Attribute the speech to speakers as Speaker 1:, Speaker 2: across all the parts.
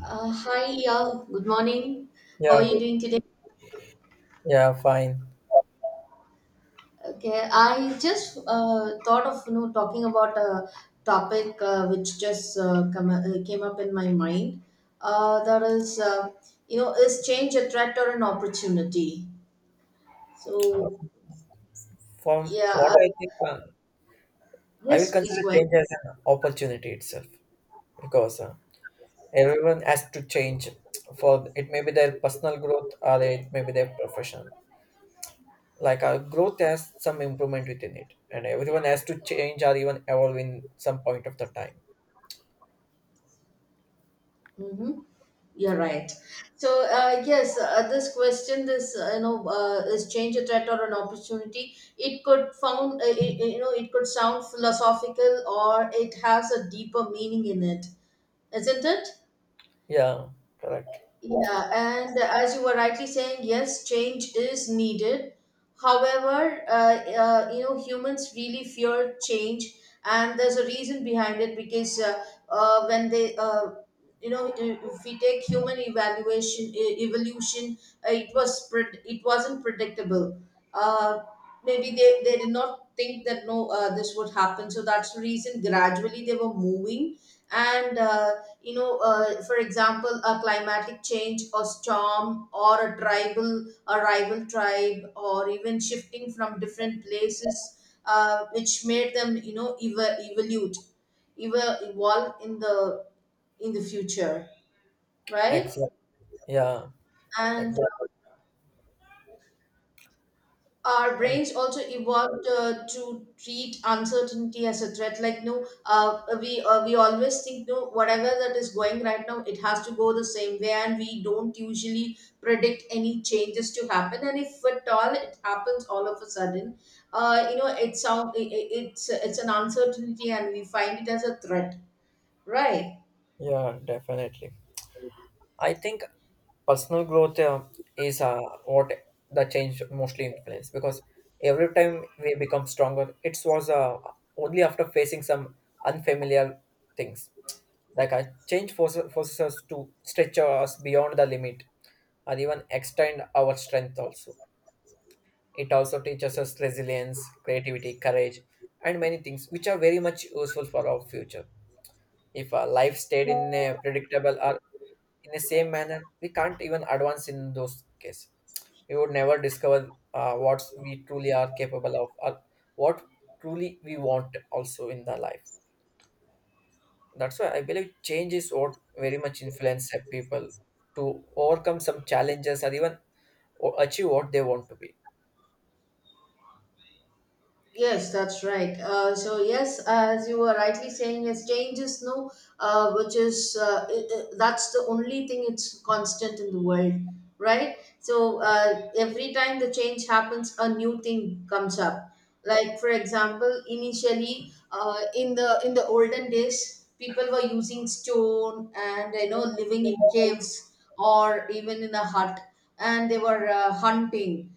Speaker 1: Hi, yeah, good morning. How are
Speaker 2: Yeah,
Speaker 1: you doing today?
Speaker 2: yeah, fine.
Speaker 1: Okay, I just thought of talking about a topic which just came up in my mind. That is, you know, Is change a threat or an opportunity? So,
Speaker 2: From what
Speaker 1: yeah,
Speaker 2: I think, I will
Speaker 1: yes, please
Speaker 2: consider
Speaker 1: go ahead.
Speaker 2: change as an opportunity itself because everyone has to change, for it may be their personal growth or it may be their professional. Like our growth has some improvement within it, and everyone has to change or even evolve in some point of the time.
Speaker 1: Mm-hmm. You're right. So yes, this question, this is change a threat or an opportunity? It could found, it, it could sound philosophical, or it has a deeper meaning in it, isn't it?
Speaker 2: Yeah, correct.
Speaker 1: Yeah, and as you were rightly saying, yes, change is needed. However, humans really fear change, and there's a reason behind it because when they, you know, I- if we take human evaluation, evolution, it was it wasn't predictable. Uh, Maybe they did not think that no this would happen, so that's the reason gradually they were moving, and for example, a climatic change or storm or a tribal a rival tribe or even shifting from different places, which made them, you know, evolve in the future, right.
Speaker 2: Exactly. Yeah,
Speaker 1: And
Speaker 2: exactly.
Speaker 1: our brains also evolved to treat uncertainty as a threat, like no, we always think no whatever that is going right now it has to go the same way, and we don't usually predict any changes to happen, and if at all it happens all of a sudden, it's sound it's an uncertainty and we find it as a threat, right.
Speaker 2: Yeah, definitely. I think personal growth is what the change mostly influence, because every time we become stronger, it was only after facing some unfamiliar things. Like a change forces us to stretch us beyond the limit or even extend our strength also. It also teaches us resilience, creativity, courage, and many things which are very much useful for our future. If our life stayed in a predictable or in the same manner, we can't even advance. In those cases we would never discover what we truly are capable of, or what truly we want also in the life. That's why I believe change is what very much influence people to overcome some challenges or even achieve what they want to be.
Speaker 1: Yes, that's right. So yes, as you were rightly saying, yes, change is no, which is that's the only thing, it's constant in the world, right? So every time the change happens, a new thing comes up. Like for example, initially in the olden days, people were using stone and, you know, living in caves or even in a hut, and they were hunting.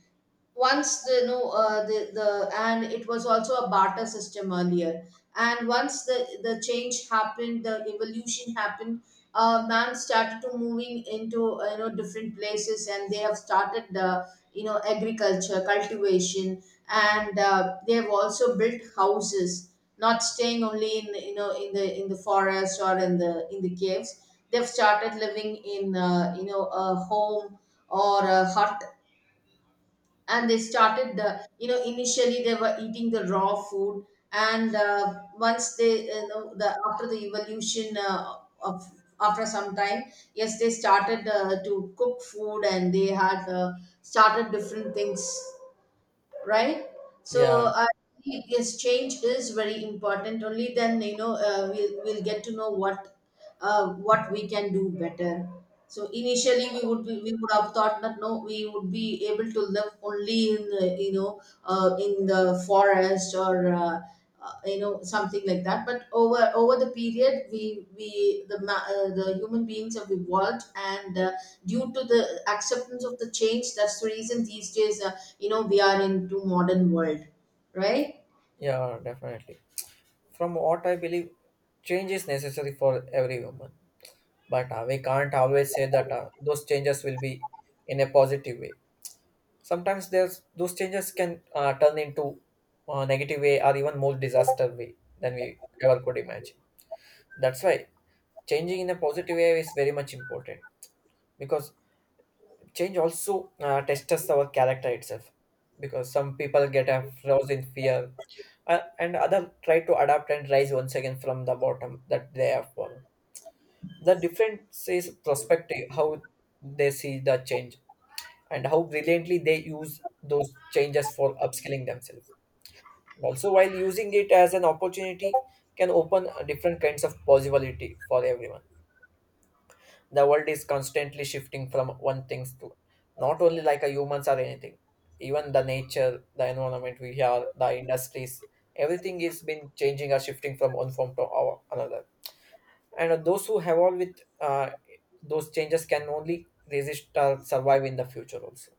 Speaker 1: Once the no the the and it was also a barter system earlier, and once the change happened, the evolution happened, man started to moving into, different places, and they have started the, you know, agriculture cultivation, and they have also built houses, not staying only in, you know, in the forest or in the caves. They've started living in a home or a hut, and they started the, you know, initially they were eating the raw food, and once they, the after the evolution, of after some time, yes, they started to cook food, and they had started different things, right. So
Speaker 2: Yeah,
Speaker 1: yes, change is very important. Only then, you know, we'll get to know what we can do better. So initially we would have thought that no, we would be able to live only in the, in the forest or something like that, but over the period the human beings have evolved, and due to the acceptance of the change, that's the reason these days, we are into modern world, right.
Speaker 2: yeah, definitely. From what I believe, change is necessary for every woman, but we can't always say that those changes will be in a positive way. Sometimes there's those changes can turn into a negative way, or even more disaster way than we ever could imagine. That's why changing in a positive way is very much important, because change also tests our character itself. Because some people get a frozen in fear, and other try to adapt and rise once again from the bottom that they have fallen. The difference is perspective, how they see the change and how brilliantly they use those changes for upskilling themselves. Also, while using it as an opportunity, can open different kinds of possibility for everyone. The world is constantly shifting from one things to, not only like a humans or anything, even the nature, the environment we are, the industries, everything is been changing or shifting from one form to our, another. And those who have all with those changes can only resist or survive in the future also.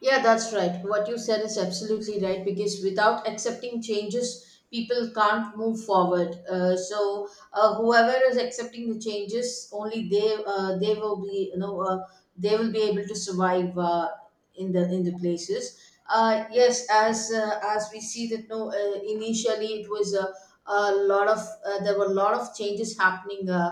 Speaker 1: Yeah, that's right. What you said is absolutely right, because without accepting changes, people can't move forward. So whoever is accepting the changes, only they will be, they will be able to survive in the places. Yes, as we see that no, initially it was a lot of there were a lot of changes happening.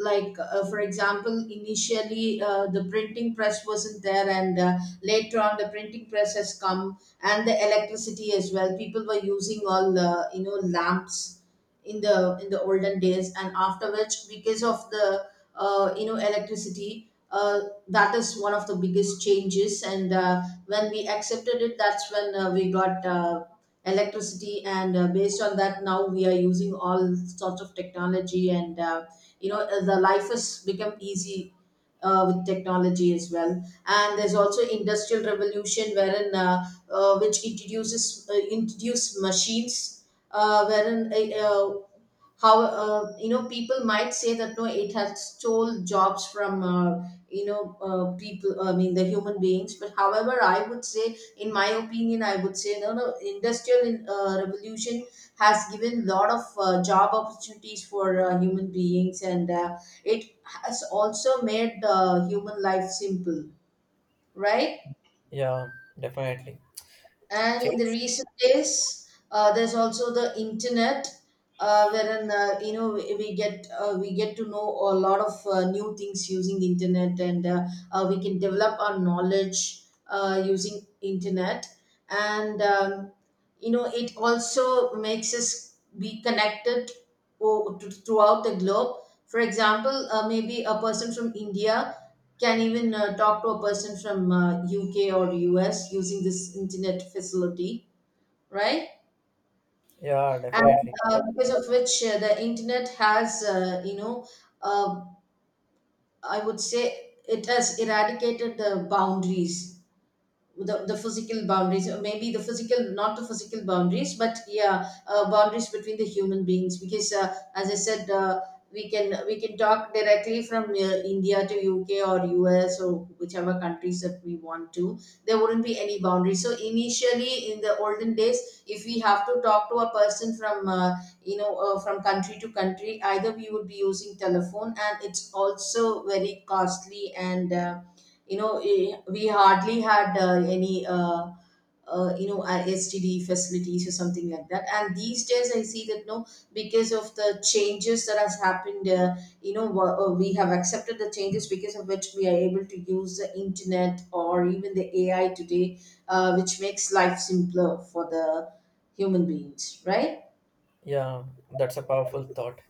Speaker 1: Like for example, initially the printing press wasn't there, and later on the printing press has come, and the electricity as well. People were using all lamps in the olden days, and after which, because of the electricity, that is one of the biggest changes, and when we accepted it, that's when we got electricity, and based on that, now we are using all sorts of technology, and the life has become easy with technology as well. And there's also industrial revolution, wherein which introduces introduce machines, wherein how you know, people might say that no, it has stole jobs from people, I mean the human beings. But however, I would say, in my opinion I would say, no, no industrial revolution has given lot of job opportunities for human beings, and it has also made human life simple, right?
Speaker 2: Yeah, definitely.
Speaker 1: And in
Speaker 2: Change.
Speaker 1: the recent days, there's also the internet, wherein you know, we get to know a lot of new things using internet, and we can develop our knowledge using internet, and you know, it also makes us be connected throughout the globe. For example, maybe a person from India can even talk to a person from UK or US using this internet facility, right?
Speaker 2: Yeah,
Speaker 1: And
Speaker 2: definitely.
Speaker 1: because of which the internet has, uh, I would say, it has eradicated the boundaries, the physical boundaries, or maybe the physical, not the physical boundaries, but yeah, boundaries between the human beings, because as I said, we can talk directly from India to UK or US or whichever countries that we want to. There wouldn't be any boundaries. So initially in the olden days, if we have to talk to a person from from country to country, either we would be using telephone, and it's also very costly, and we hardly had any you know STD facilities or something like that. And these days I see that no, because of the changes that has happened, we have accepted the changes, because of which we are able to use the internet or even the AI today, which makes life simpler for the human beings, right.
Speaker 2: Yeah, that's a powerful thought.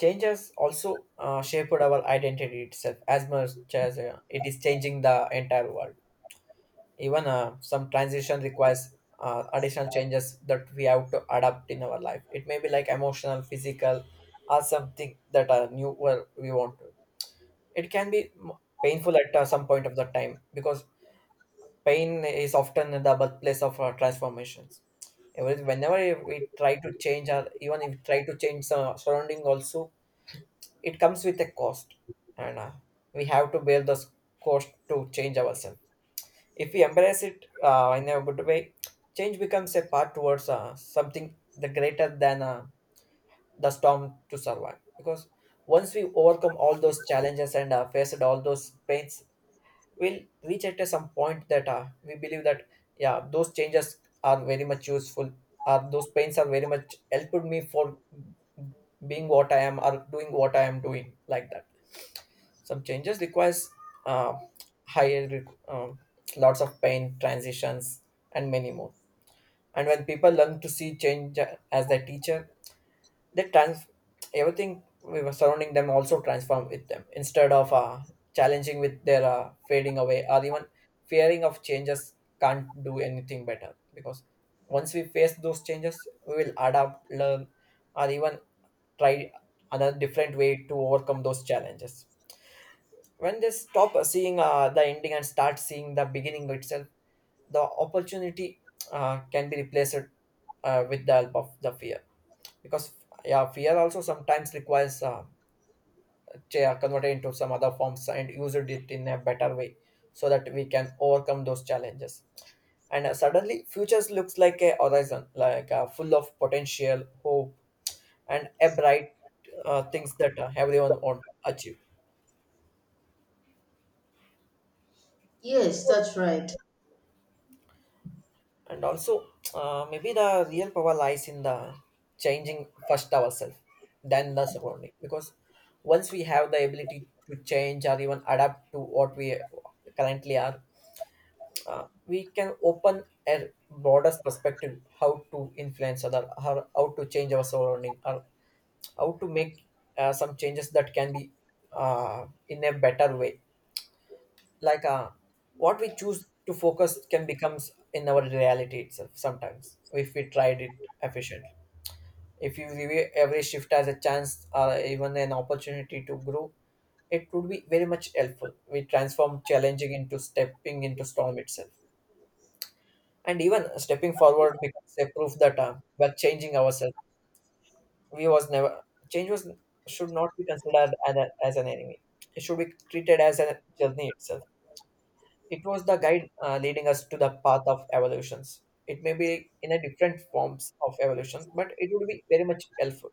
Speaker 2: Changes also shaped our identity itself as much as it is changing the entire world. Even some transition requires additional changes that we have to adapt in our life. It may be like emotional, physical, or something that are new where we want to. It can be painful at some point of the time, because pain is often the birthplace of transformations. Whenever we try to change, or even if we try to change the surrounding also, it comes with a cost, and we have to bear this cost to change ourselves. If we embrace it in a good way, change becomes a part towards something the greater than the storm to survive. Because once we overcome all those challenges and faced all those pains, we'll reach at some point that we believe that yeah, those changes are very much useful. Those pains are very much helped me for being what I am or doing what I am doing, like that. Some changes requires uh, higher requ- um, lots of pain transitions and many more. And when people learn to see change as their teacher, they trans, everything we were surrounding them also transform with them instead of challenging with their fading away, or even fearing of changes, can't do anything better. Because once we face those changes, we will adapt, learn, or even try another different way to overcome those challenges. When they stop seeing the ending and start seeing the beginning itself, the opportunity can be replaced with the help of the fear. Because yeah, fear also sometimes requires converted into some other forms and used it in a better way, so that we can overcome those challenges. And suddenly futures looks like a horizon, like full of potential hope and a bright things that everyone want to achieve.
Speaker 1: Yes, that's right.
Speaker 2: And also, maybe the real power lies in the changing first ourselves, then the surrounding. Because once we have the ability to change or even adapt to what we currently are, we can open a broader perspective how to influence other, how to change our surrounding, or how to make some changes that can be in a better way. Like what we choose to focus can becomes in our reality itself sometimes if we tried it efficiently. If you view every shift as a chance or even an opportunity to grow, it would be very much helpful. We transform challenging into stepping into storm itself, and even stepping forward becomes a proof that we're changing ourselves. We was never, change was, should not be considered as, a, as an enemy. It should be treated as a journey itself. It was the guide leading us to the path of evolutions. It may be in a different forms of evolution, but it would be very much helpful.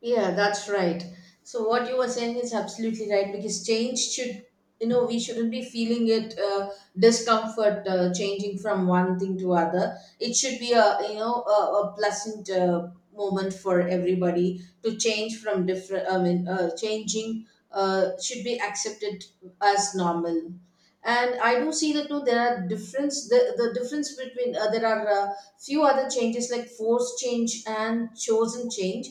Speaker 1: Yeah, that's right. So what you were saying is absolutely right, because change should, you know, we shouldn't be feeling it discomfort changing from one thing to other. It should be a, a pleasant moment for everybody to change from different. I mean, changing should be accepted as normal. And I do see that no, there are difference. The difference between there are few other changes, like forced change and chosen change.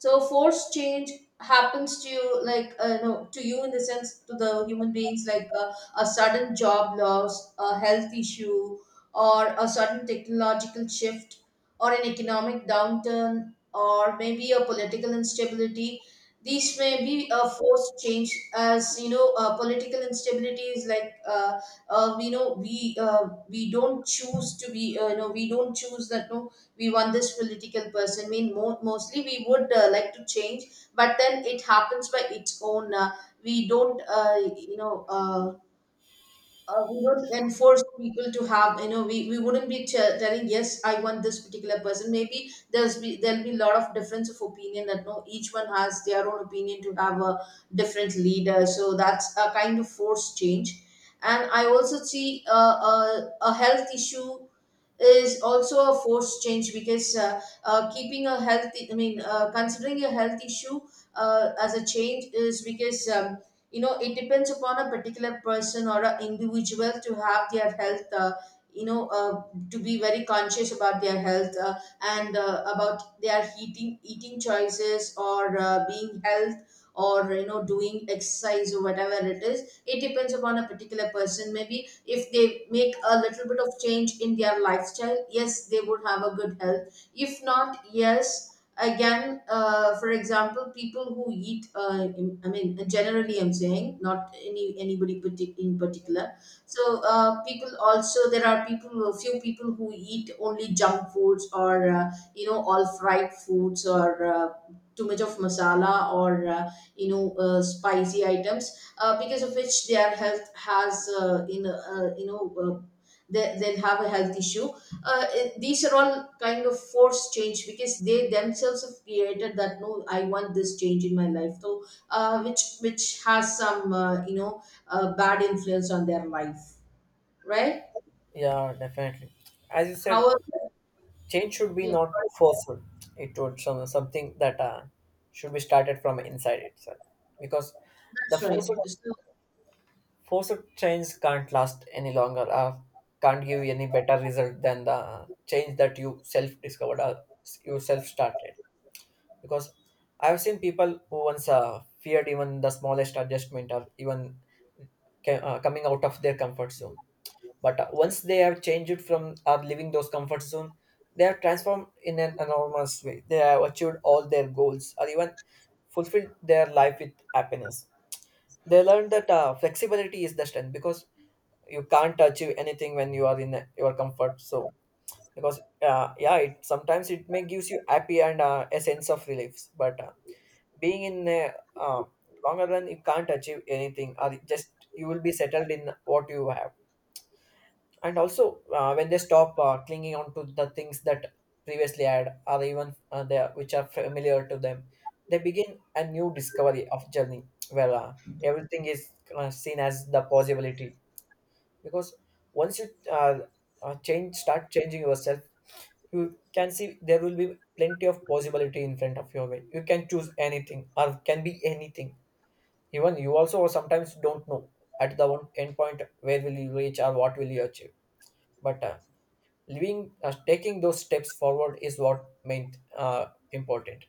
Speaker 1: So force change happens to you, like no, to you in the sense to the human beings, like a sudden job loss, a health issue, or a sudden technological shift, or an economic downturn, or maybe a political instability. These may be a forced change, as you know, political instability is like we know we don't choose to be, we don't choose that no, we want this political person. I mean, mostly we would like to change, but then it happens by its own. We don't uh, you know uh, we don't enforce people to have, you know, we wouldn't be telling yes I want this particular person. Maybe there's be there'll be a lot of difference of opinion that no, each one has their own opinion to have a different leader, so that's a kind of force change. And I also see a health issue is also a force change, because keeping a healthy, I mean considering a health issue as a change is because, you know, it depends upon a particular person or an individual to have their health, you know uh, to be very conscious about their health, and about their eating choices, or being health, or you know, doing exercise, or whatever it is, it depends upon a particular person. Maybe if they make a little bit of change in their lifestyle, yes, they would have a good health. If not, yes, again, for example, people who eat I mean generally I'm saying, not anybody in particular. So people also, there are people, a few people who eat only junk foods, or all fried foods, or too much of masala, or spicy items, because of which their health has in you know they, they'll have a health issue These are all kind of forced change because they themselves have created that, no, I want this change in my life, so which has some bad influence on their life, right?
Speaker 2: Yeah, definitely. As you said,
Speaker 1: However,
Speaker 2: change should be
Speaker 1: yes,
Speaker 2: not forced. It would some, something that should be started from inside itself, because the
Speaker 1: that's
Speaker 2: forced
Speaker 1: right. So
Speaker 2: forced change can't last any longer. Can't give you any better result than the change that you self discovered or you self started. Because I've seen people who once feared even the smallest adjustment, or even coming out of their comfort zone. But once they have changed from or leaving those comfort zone, they have transformed in an enormous way. They have achieved all their goals or even fulfilled their life with happiness. They learned that flexibility is the strength, because you can't achieve anything when you are in your comfort zone. Because yeah, it sometimes it may gives you happy and a sense of relief, but being in a um longer run, you can't achieve anything, or just you will be settled in what you have. And also when they stop clinging on to the things that previously had, or even they, which are familiar to them, they begin a new discovery of journey, where everything is seen as the possibility. Because once you change start changing yourself, you can see there will be plenty of possibility in front of your way. You can choose anything or can be anything. Even you also sometimes don't know at the one end point where will you reach or what will you achieve. But living, taking those steps forward is what meant important.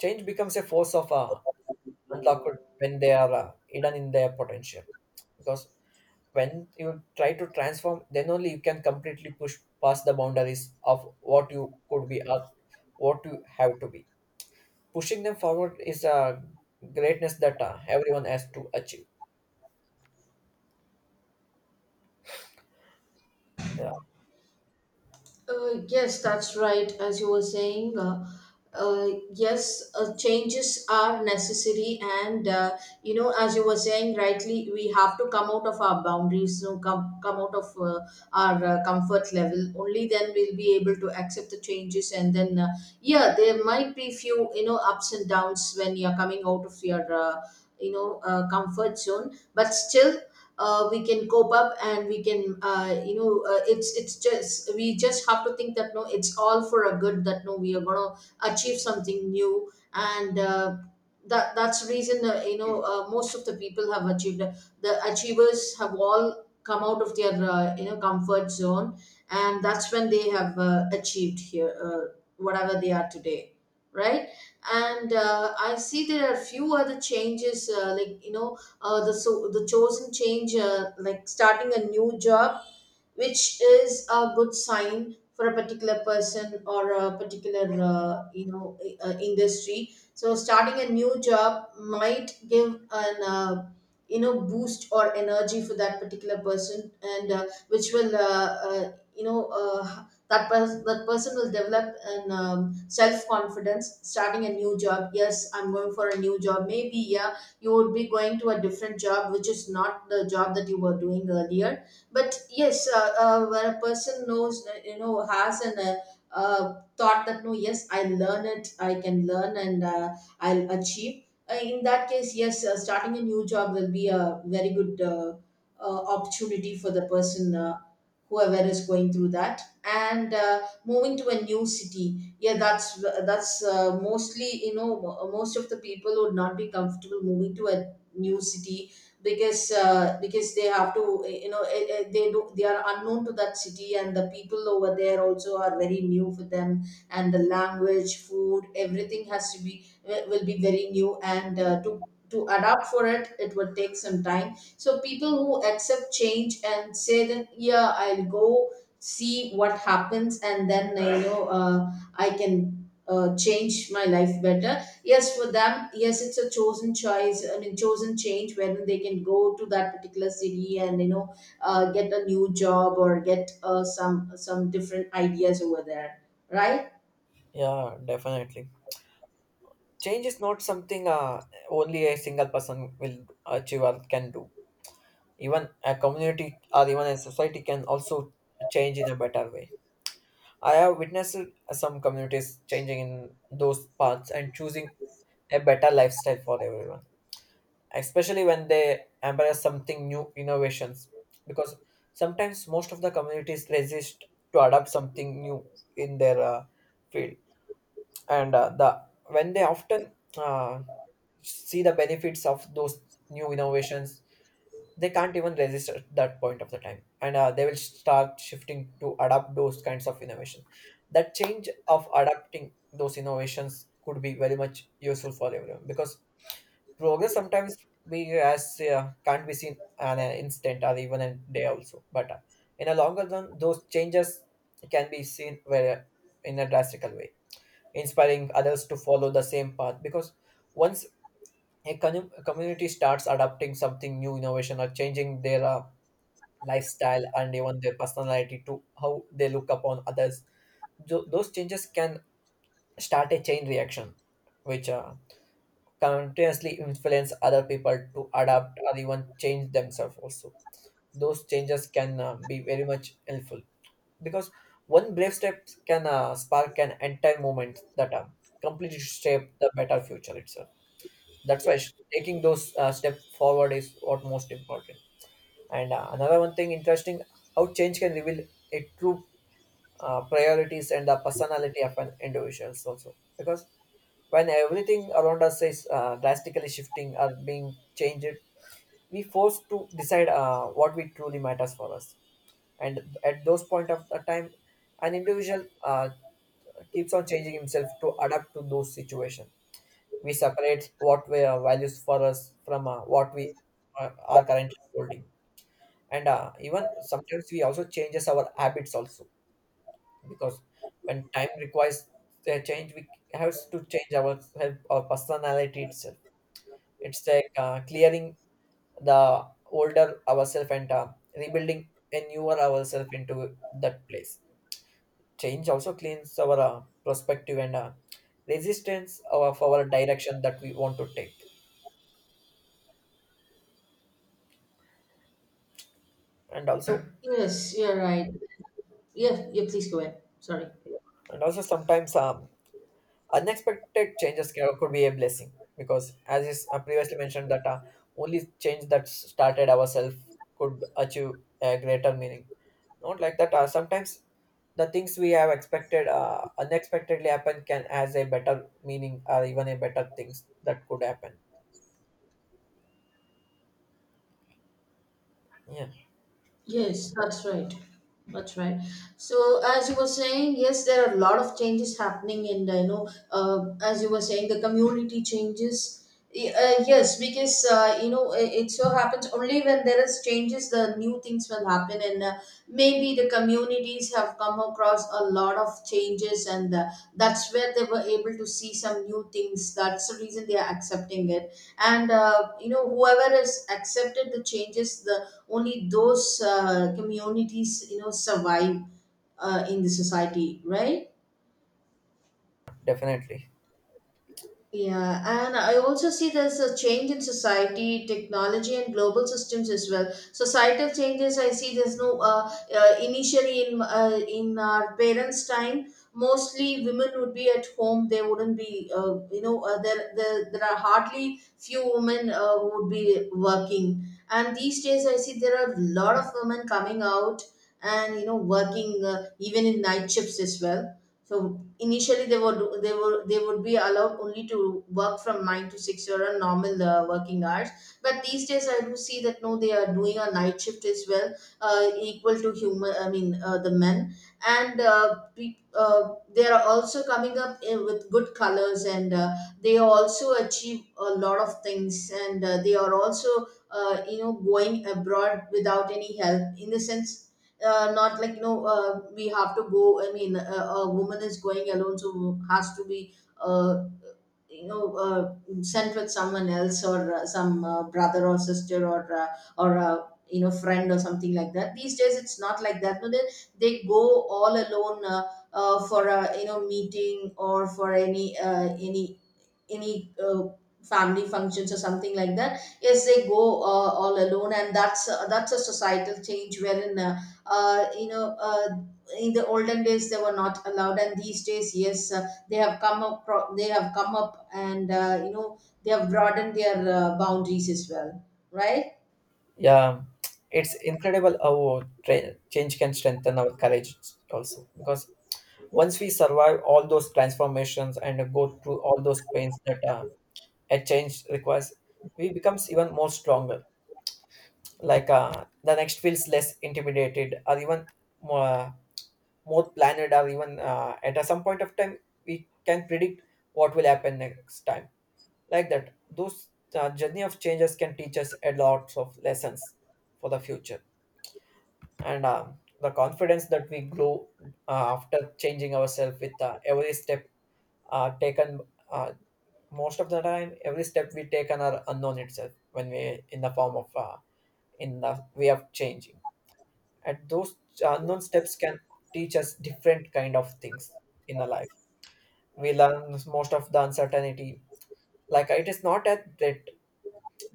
Speaker 2: Change becomes a force of unlocked when they are hidden in their potential. Because when you try to transform, then only you can completely push past the boundaries of what you could be or what you have to be. Pushing them forward is a greatness that everyone has to achieve. Yeah,
Speaker 1: Yes, that's right. As you were saying, uh, yes, changes are necessary, and as you were saying rightly, we have to come out of our boundaries, you know, come out of our comfort level. Only then we'll be able to accept the changes, and then yeah, there might be few you know ups and downs when you're coming out of your comfort zone, but still we can cope up, and we can it's just we just have to think that, no, it's all for a good that, no, we are going to achieve something new. And that's the reason most of the people have achieved, the achievers have all come out of their comfort zone, and that's when they have achieved here whatever they are today, right? And I see there are few other changes, the so the chosen change, like starting a new job, which is a good sign for a particular person or a particular uh, you know industry. So starting a new job might give an boost or energy for that particular person, and which will that person will develop an self confidence. Starting a new job, yes, I'm going for a new job, maybe. Yeah, you would be going to a different job which is not the job that you were doing earlier. But yes, when a person knows that, you know, has an thought that, no, yes, I learn it, I can learn, and I'll achieve, in that case, yes, starting a new job will be a very good opportunity for the person whoever is going through that. And moving to a new city, yeah, that's that's mostly you know most of the people would not be comfortable moving to a new city, because they have to, you know, they are unknown to that city, and the people over there also are very new for them, and the language, food, everything has to be, will be very new, and to adapt for it, it will take some time. So people who accept change and say that, yeah, I'll go, see what happens, and then I can change my life better. Yes, for them, yes, it's a chosen choice and a chosen change, whether they can go to that particular city and, you know, get a new job or get some different ideas over there, right?
Speaker 2: yeah, definitely. Change is not something only a single person will achieve or can do. Even a community or even a society can also change in a better way. I have witnessed some communities changing in those paths and choosing a better lifestyle for everyone, especially when they embrace something new innovations. Because sometimes most of the communities resist to adopt something new in their field. And the when they often uh, see the benefits of those new innovations, they can't even resist at that point of the time, and they will start shifting to adapt those kinds of innovation. That change of adapting those innovations could be very much useful for everyone, because progress sometimes we as can't be seen an instant or even a day also. But in a longer run those changes can be seen very in a drastical way, inspiring others to follow the same path. Because once a community starts adopting something new innovation, or changing their lifestyle and even their personality to how they look upon others, those changes can start a chain reaction which continuously influence other people to adapt or even change themselves also. Those changes can be very much helpful, because one brave step can spark an entire movement that completely shape the better future itself. That's why taking those step forward is what most important. And another one thing interesting, how change can reveal a true priorities and the personality of an individuals also. Because when everything around us is drastically shifting or being changed, we forced to decide what we truly matters for us. And at those point of the time, an individual Keeps on changing himself to adapt to those situations. We separate what we values for us from what we are currently holding. And even sometimes we also changes our habits also, because when time requires a change, we have to change our personality itself. It's like clearing the older ourselves and rebuilding a newer ourselves into that place. Change also cleans our perspective and resistance of our direction that we want to take. And also,
Speaker 1: Yes, you're right. Yeah, yeah. Please go ahead. Sorry.
Speaker 2: and also sometimes unexpected could be a blessing because, as is previously mentioned, that only change that started ourselves could achieve a greater meaning. Not like that. Sometimes the things we have expected unexpectedly happen can has a better meaning or even a better things that could happen. Yeah,
Speaker 1: Yes, that's right. That's right. So as you were saying, yes, there are a lot of changes happening, and I know, as you were saying, the community changes. Yes, because you know, it so happens only when there is changes, the new things will happen. And maybe the communities have come across a lot of changes, and that's where they were able to see some new things. That's the reason they are accepting it. And you know, whoever has accepted the changes, the only those communities, you know, survive in the society, right?
Speaker 2: definitely.
Speaker 1: Yeah, and I also see there's a change in society, technology, and global systems as well. Societal changes, I see there's no initially in our parents' time, mostly women would be at home. They wouldn't be, there are hardly few women who would be working. And these days, I see there are a lot of women coming out and, you know, working even in night shifts as well. So initially, they would be allowed only to work from 9 to 6 or a normal working hours. But these days, I do see that, no, they are doing a night shift as well, equal to human. I mean, the men, and they are also coming up with good colors, and they also achieve a lot of things, and they are also going abroad without any help, in the sense not like, you know, we have to go, I mean, a woman is going alone, so has to be uh, you know uh, sent with someone else, or some brother or sister, or or uh, friend or something like that. These days it's not like that, no, they, they go all alone, for a, you know, meeting, or for any family functions or something like that. Yes, they go all alone, and that's a societal change, wherein uh, you know uh, in the olden days they were not allowed, and these days, yes, they have come up, they have come up, and you know, they have broadened their boundaries as well, right?
Speaker 2: Yeah, it's incredible how change can strengthen our courage also, because once we survive all those transformations and go through all those pains that a change requires, we becomes even more stronger. Like the next feels less intimidated, or even more, more planned, or even at some point of time we can predict what will happen next time. Like that, those journey of changes can teach us a lot of lessons for the future, and the confidence that we grow after changing ourselves with every step taken. uh, Most of the time every step we take on are unknown itself when we in the form of in the way of changing, and those unknown steps can teach us different kind of things in our life. We learn most of the uncertainty, like it is not a threat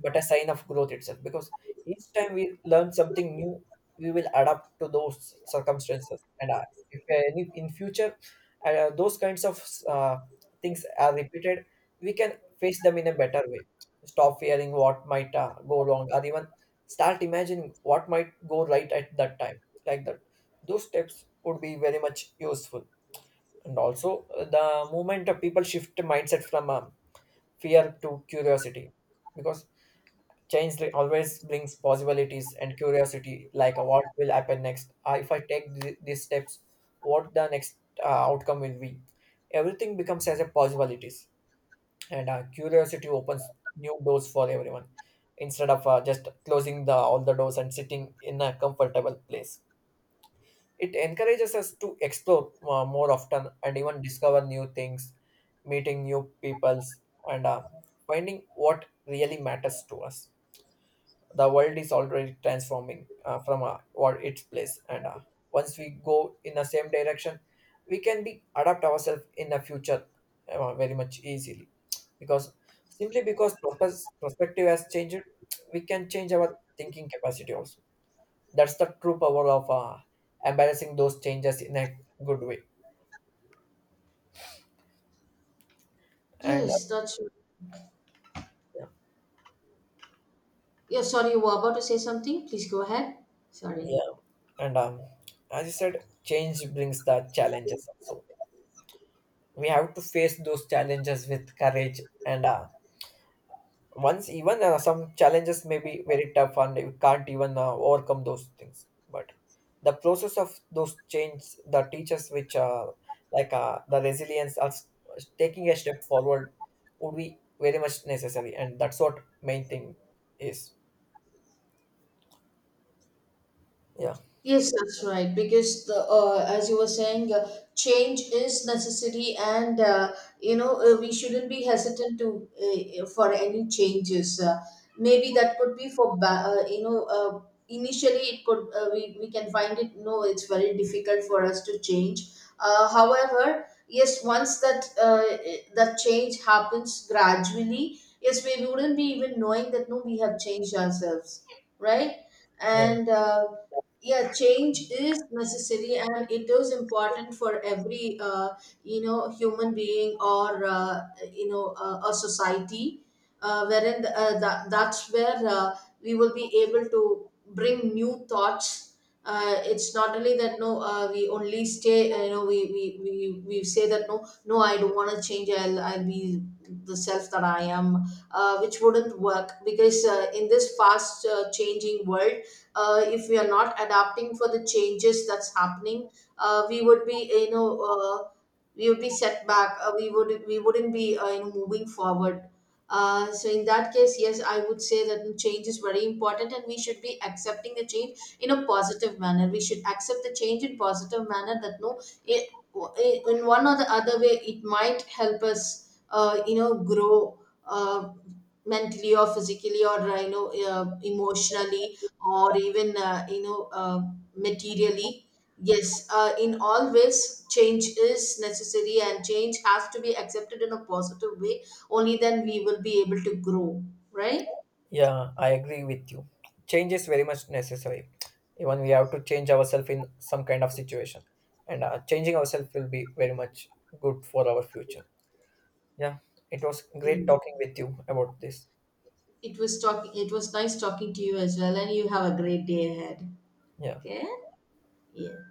Speaker 2: but a sign of growth itself, because each time we learn something new, we will adapt to those circumstances. And if, in future, those kinds of things are repeated, we can face them in a better way. Stop fearing what might go wrong, or even start imagining what might go right at that time. Like that, those steps would be very much useful. And also the moment of people shift mindset from fear to curiosity, because change always brings possibilities and curiosity, like what will happen next. If I take these steps, what the next outcome will be. Everything becomes as a possibilities, and curiosity opens new doors for everyone, instead of just closing the all the doors and sitting in a comfortable place. It encourages us to explore more often and even discover new things, meeting new peoples, and finding what really matters to us. The world is already transforming from what its place, and once we go in the same direction, we can be adapt ourselves in the future very much easily, because simply because purpose, perspective has changed, we can change our thinking capacity also. That's the true power of embarrassing those changes in a good way. And
Speaker 1: Yes, that's,
Speaker 2: yeah,
Speaker 1: yeah, sorry, you were about to say something. Please go ahead. Sorry.
Speaker 2: yeah. And as you said, change brings the challenges also. We have to face those challenges with courage, and once even some challenges may be very tough and you can't even overcome those things, but the process of those change the teachers which like the resilience of taking a step forward would be very much necessary, and that's what main thing is. Yeah.
Speaker 1: Yes, that's right. Because the as you were saying, change is necessary, and you know, we shouldn't be hesitant to for any changes. Maybe that could be for initially it could we can find it. No, it's very difficult for us to change. However, yes, once that that change happens gradually, yes, we wouldn't be even knowing that, no, we have changed ourselves, right?
Speaker 2: Yeah,
Speaker 1: And yeah, change is necessary, and it is important for every human being, or a society wherein that's where we will be able to bring new thoughts. It's not only that, no, we only stay, we, we say that, no, no, I don't want to change, I'll be the self that I am, which wouldn't work, because in this fast changing world, if we are not adapting for the changes that's happening, we would be, you know, we would be set back, we wouldn't be, moving forward. So in that case, yes, I would say that change is very important, and we should be accepting the change in a positive manner. We should accept the change in positive manner that, no, it, in one or the other way it might help us, grow uh, mentally or physically, or emotionally, or even materially. Yes, in all ways change is necessary, and change has to be accepted in a positive way. Only then we will be able to grow, right?
Speaker 2: yeah, I agree with you. Change is very much necessary. Even we have to change ourselves in some kind of situation, and changing ourselves will be very much good for our future. Yeah, it was great
Speaker 1: Yeah.
Speaker 2: talking with you about this.
Speaker 1: it was talking it was nice talking to you as well, and you have a great day ahead.
Speaker 2: Yeah.
Speaker 1: Okay. Yeah.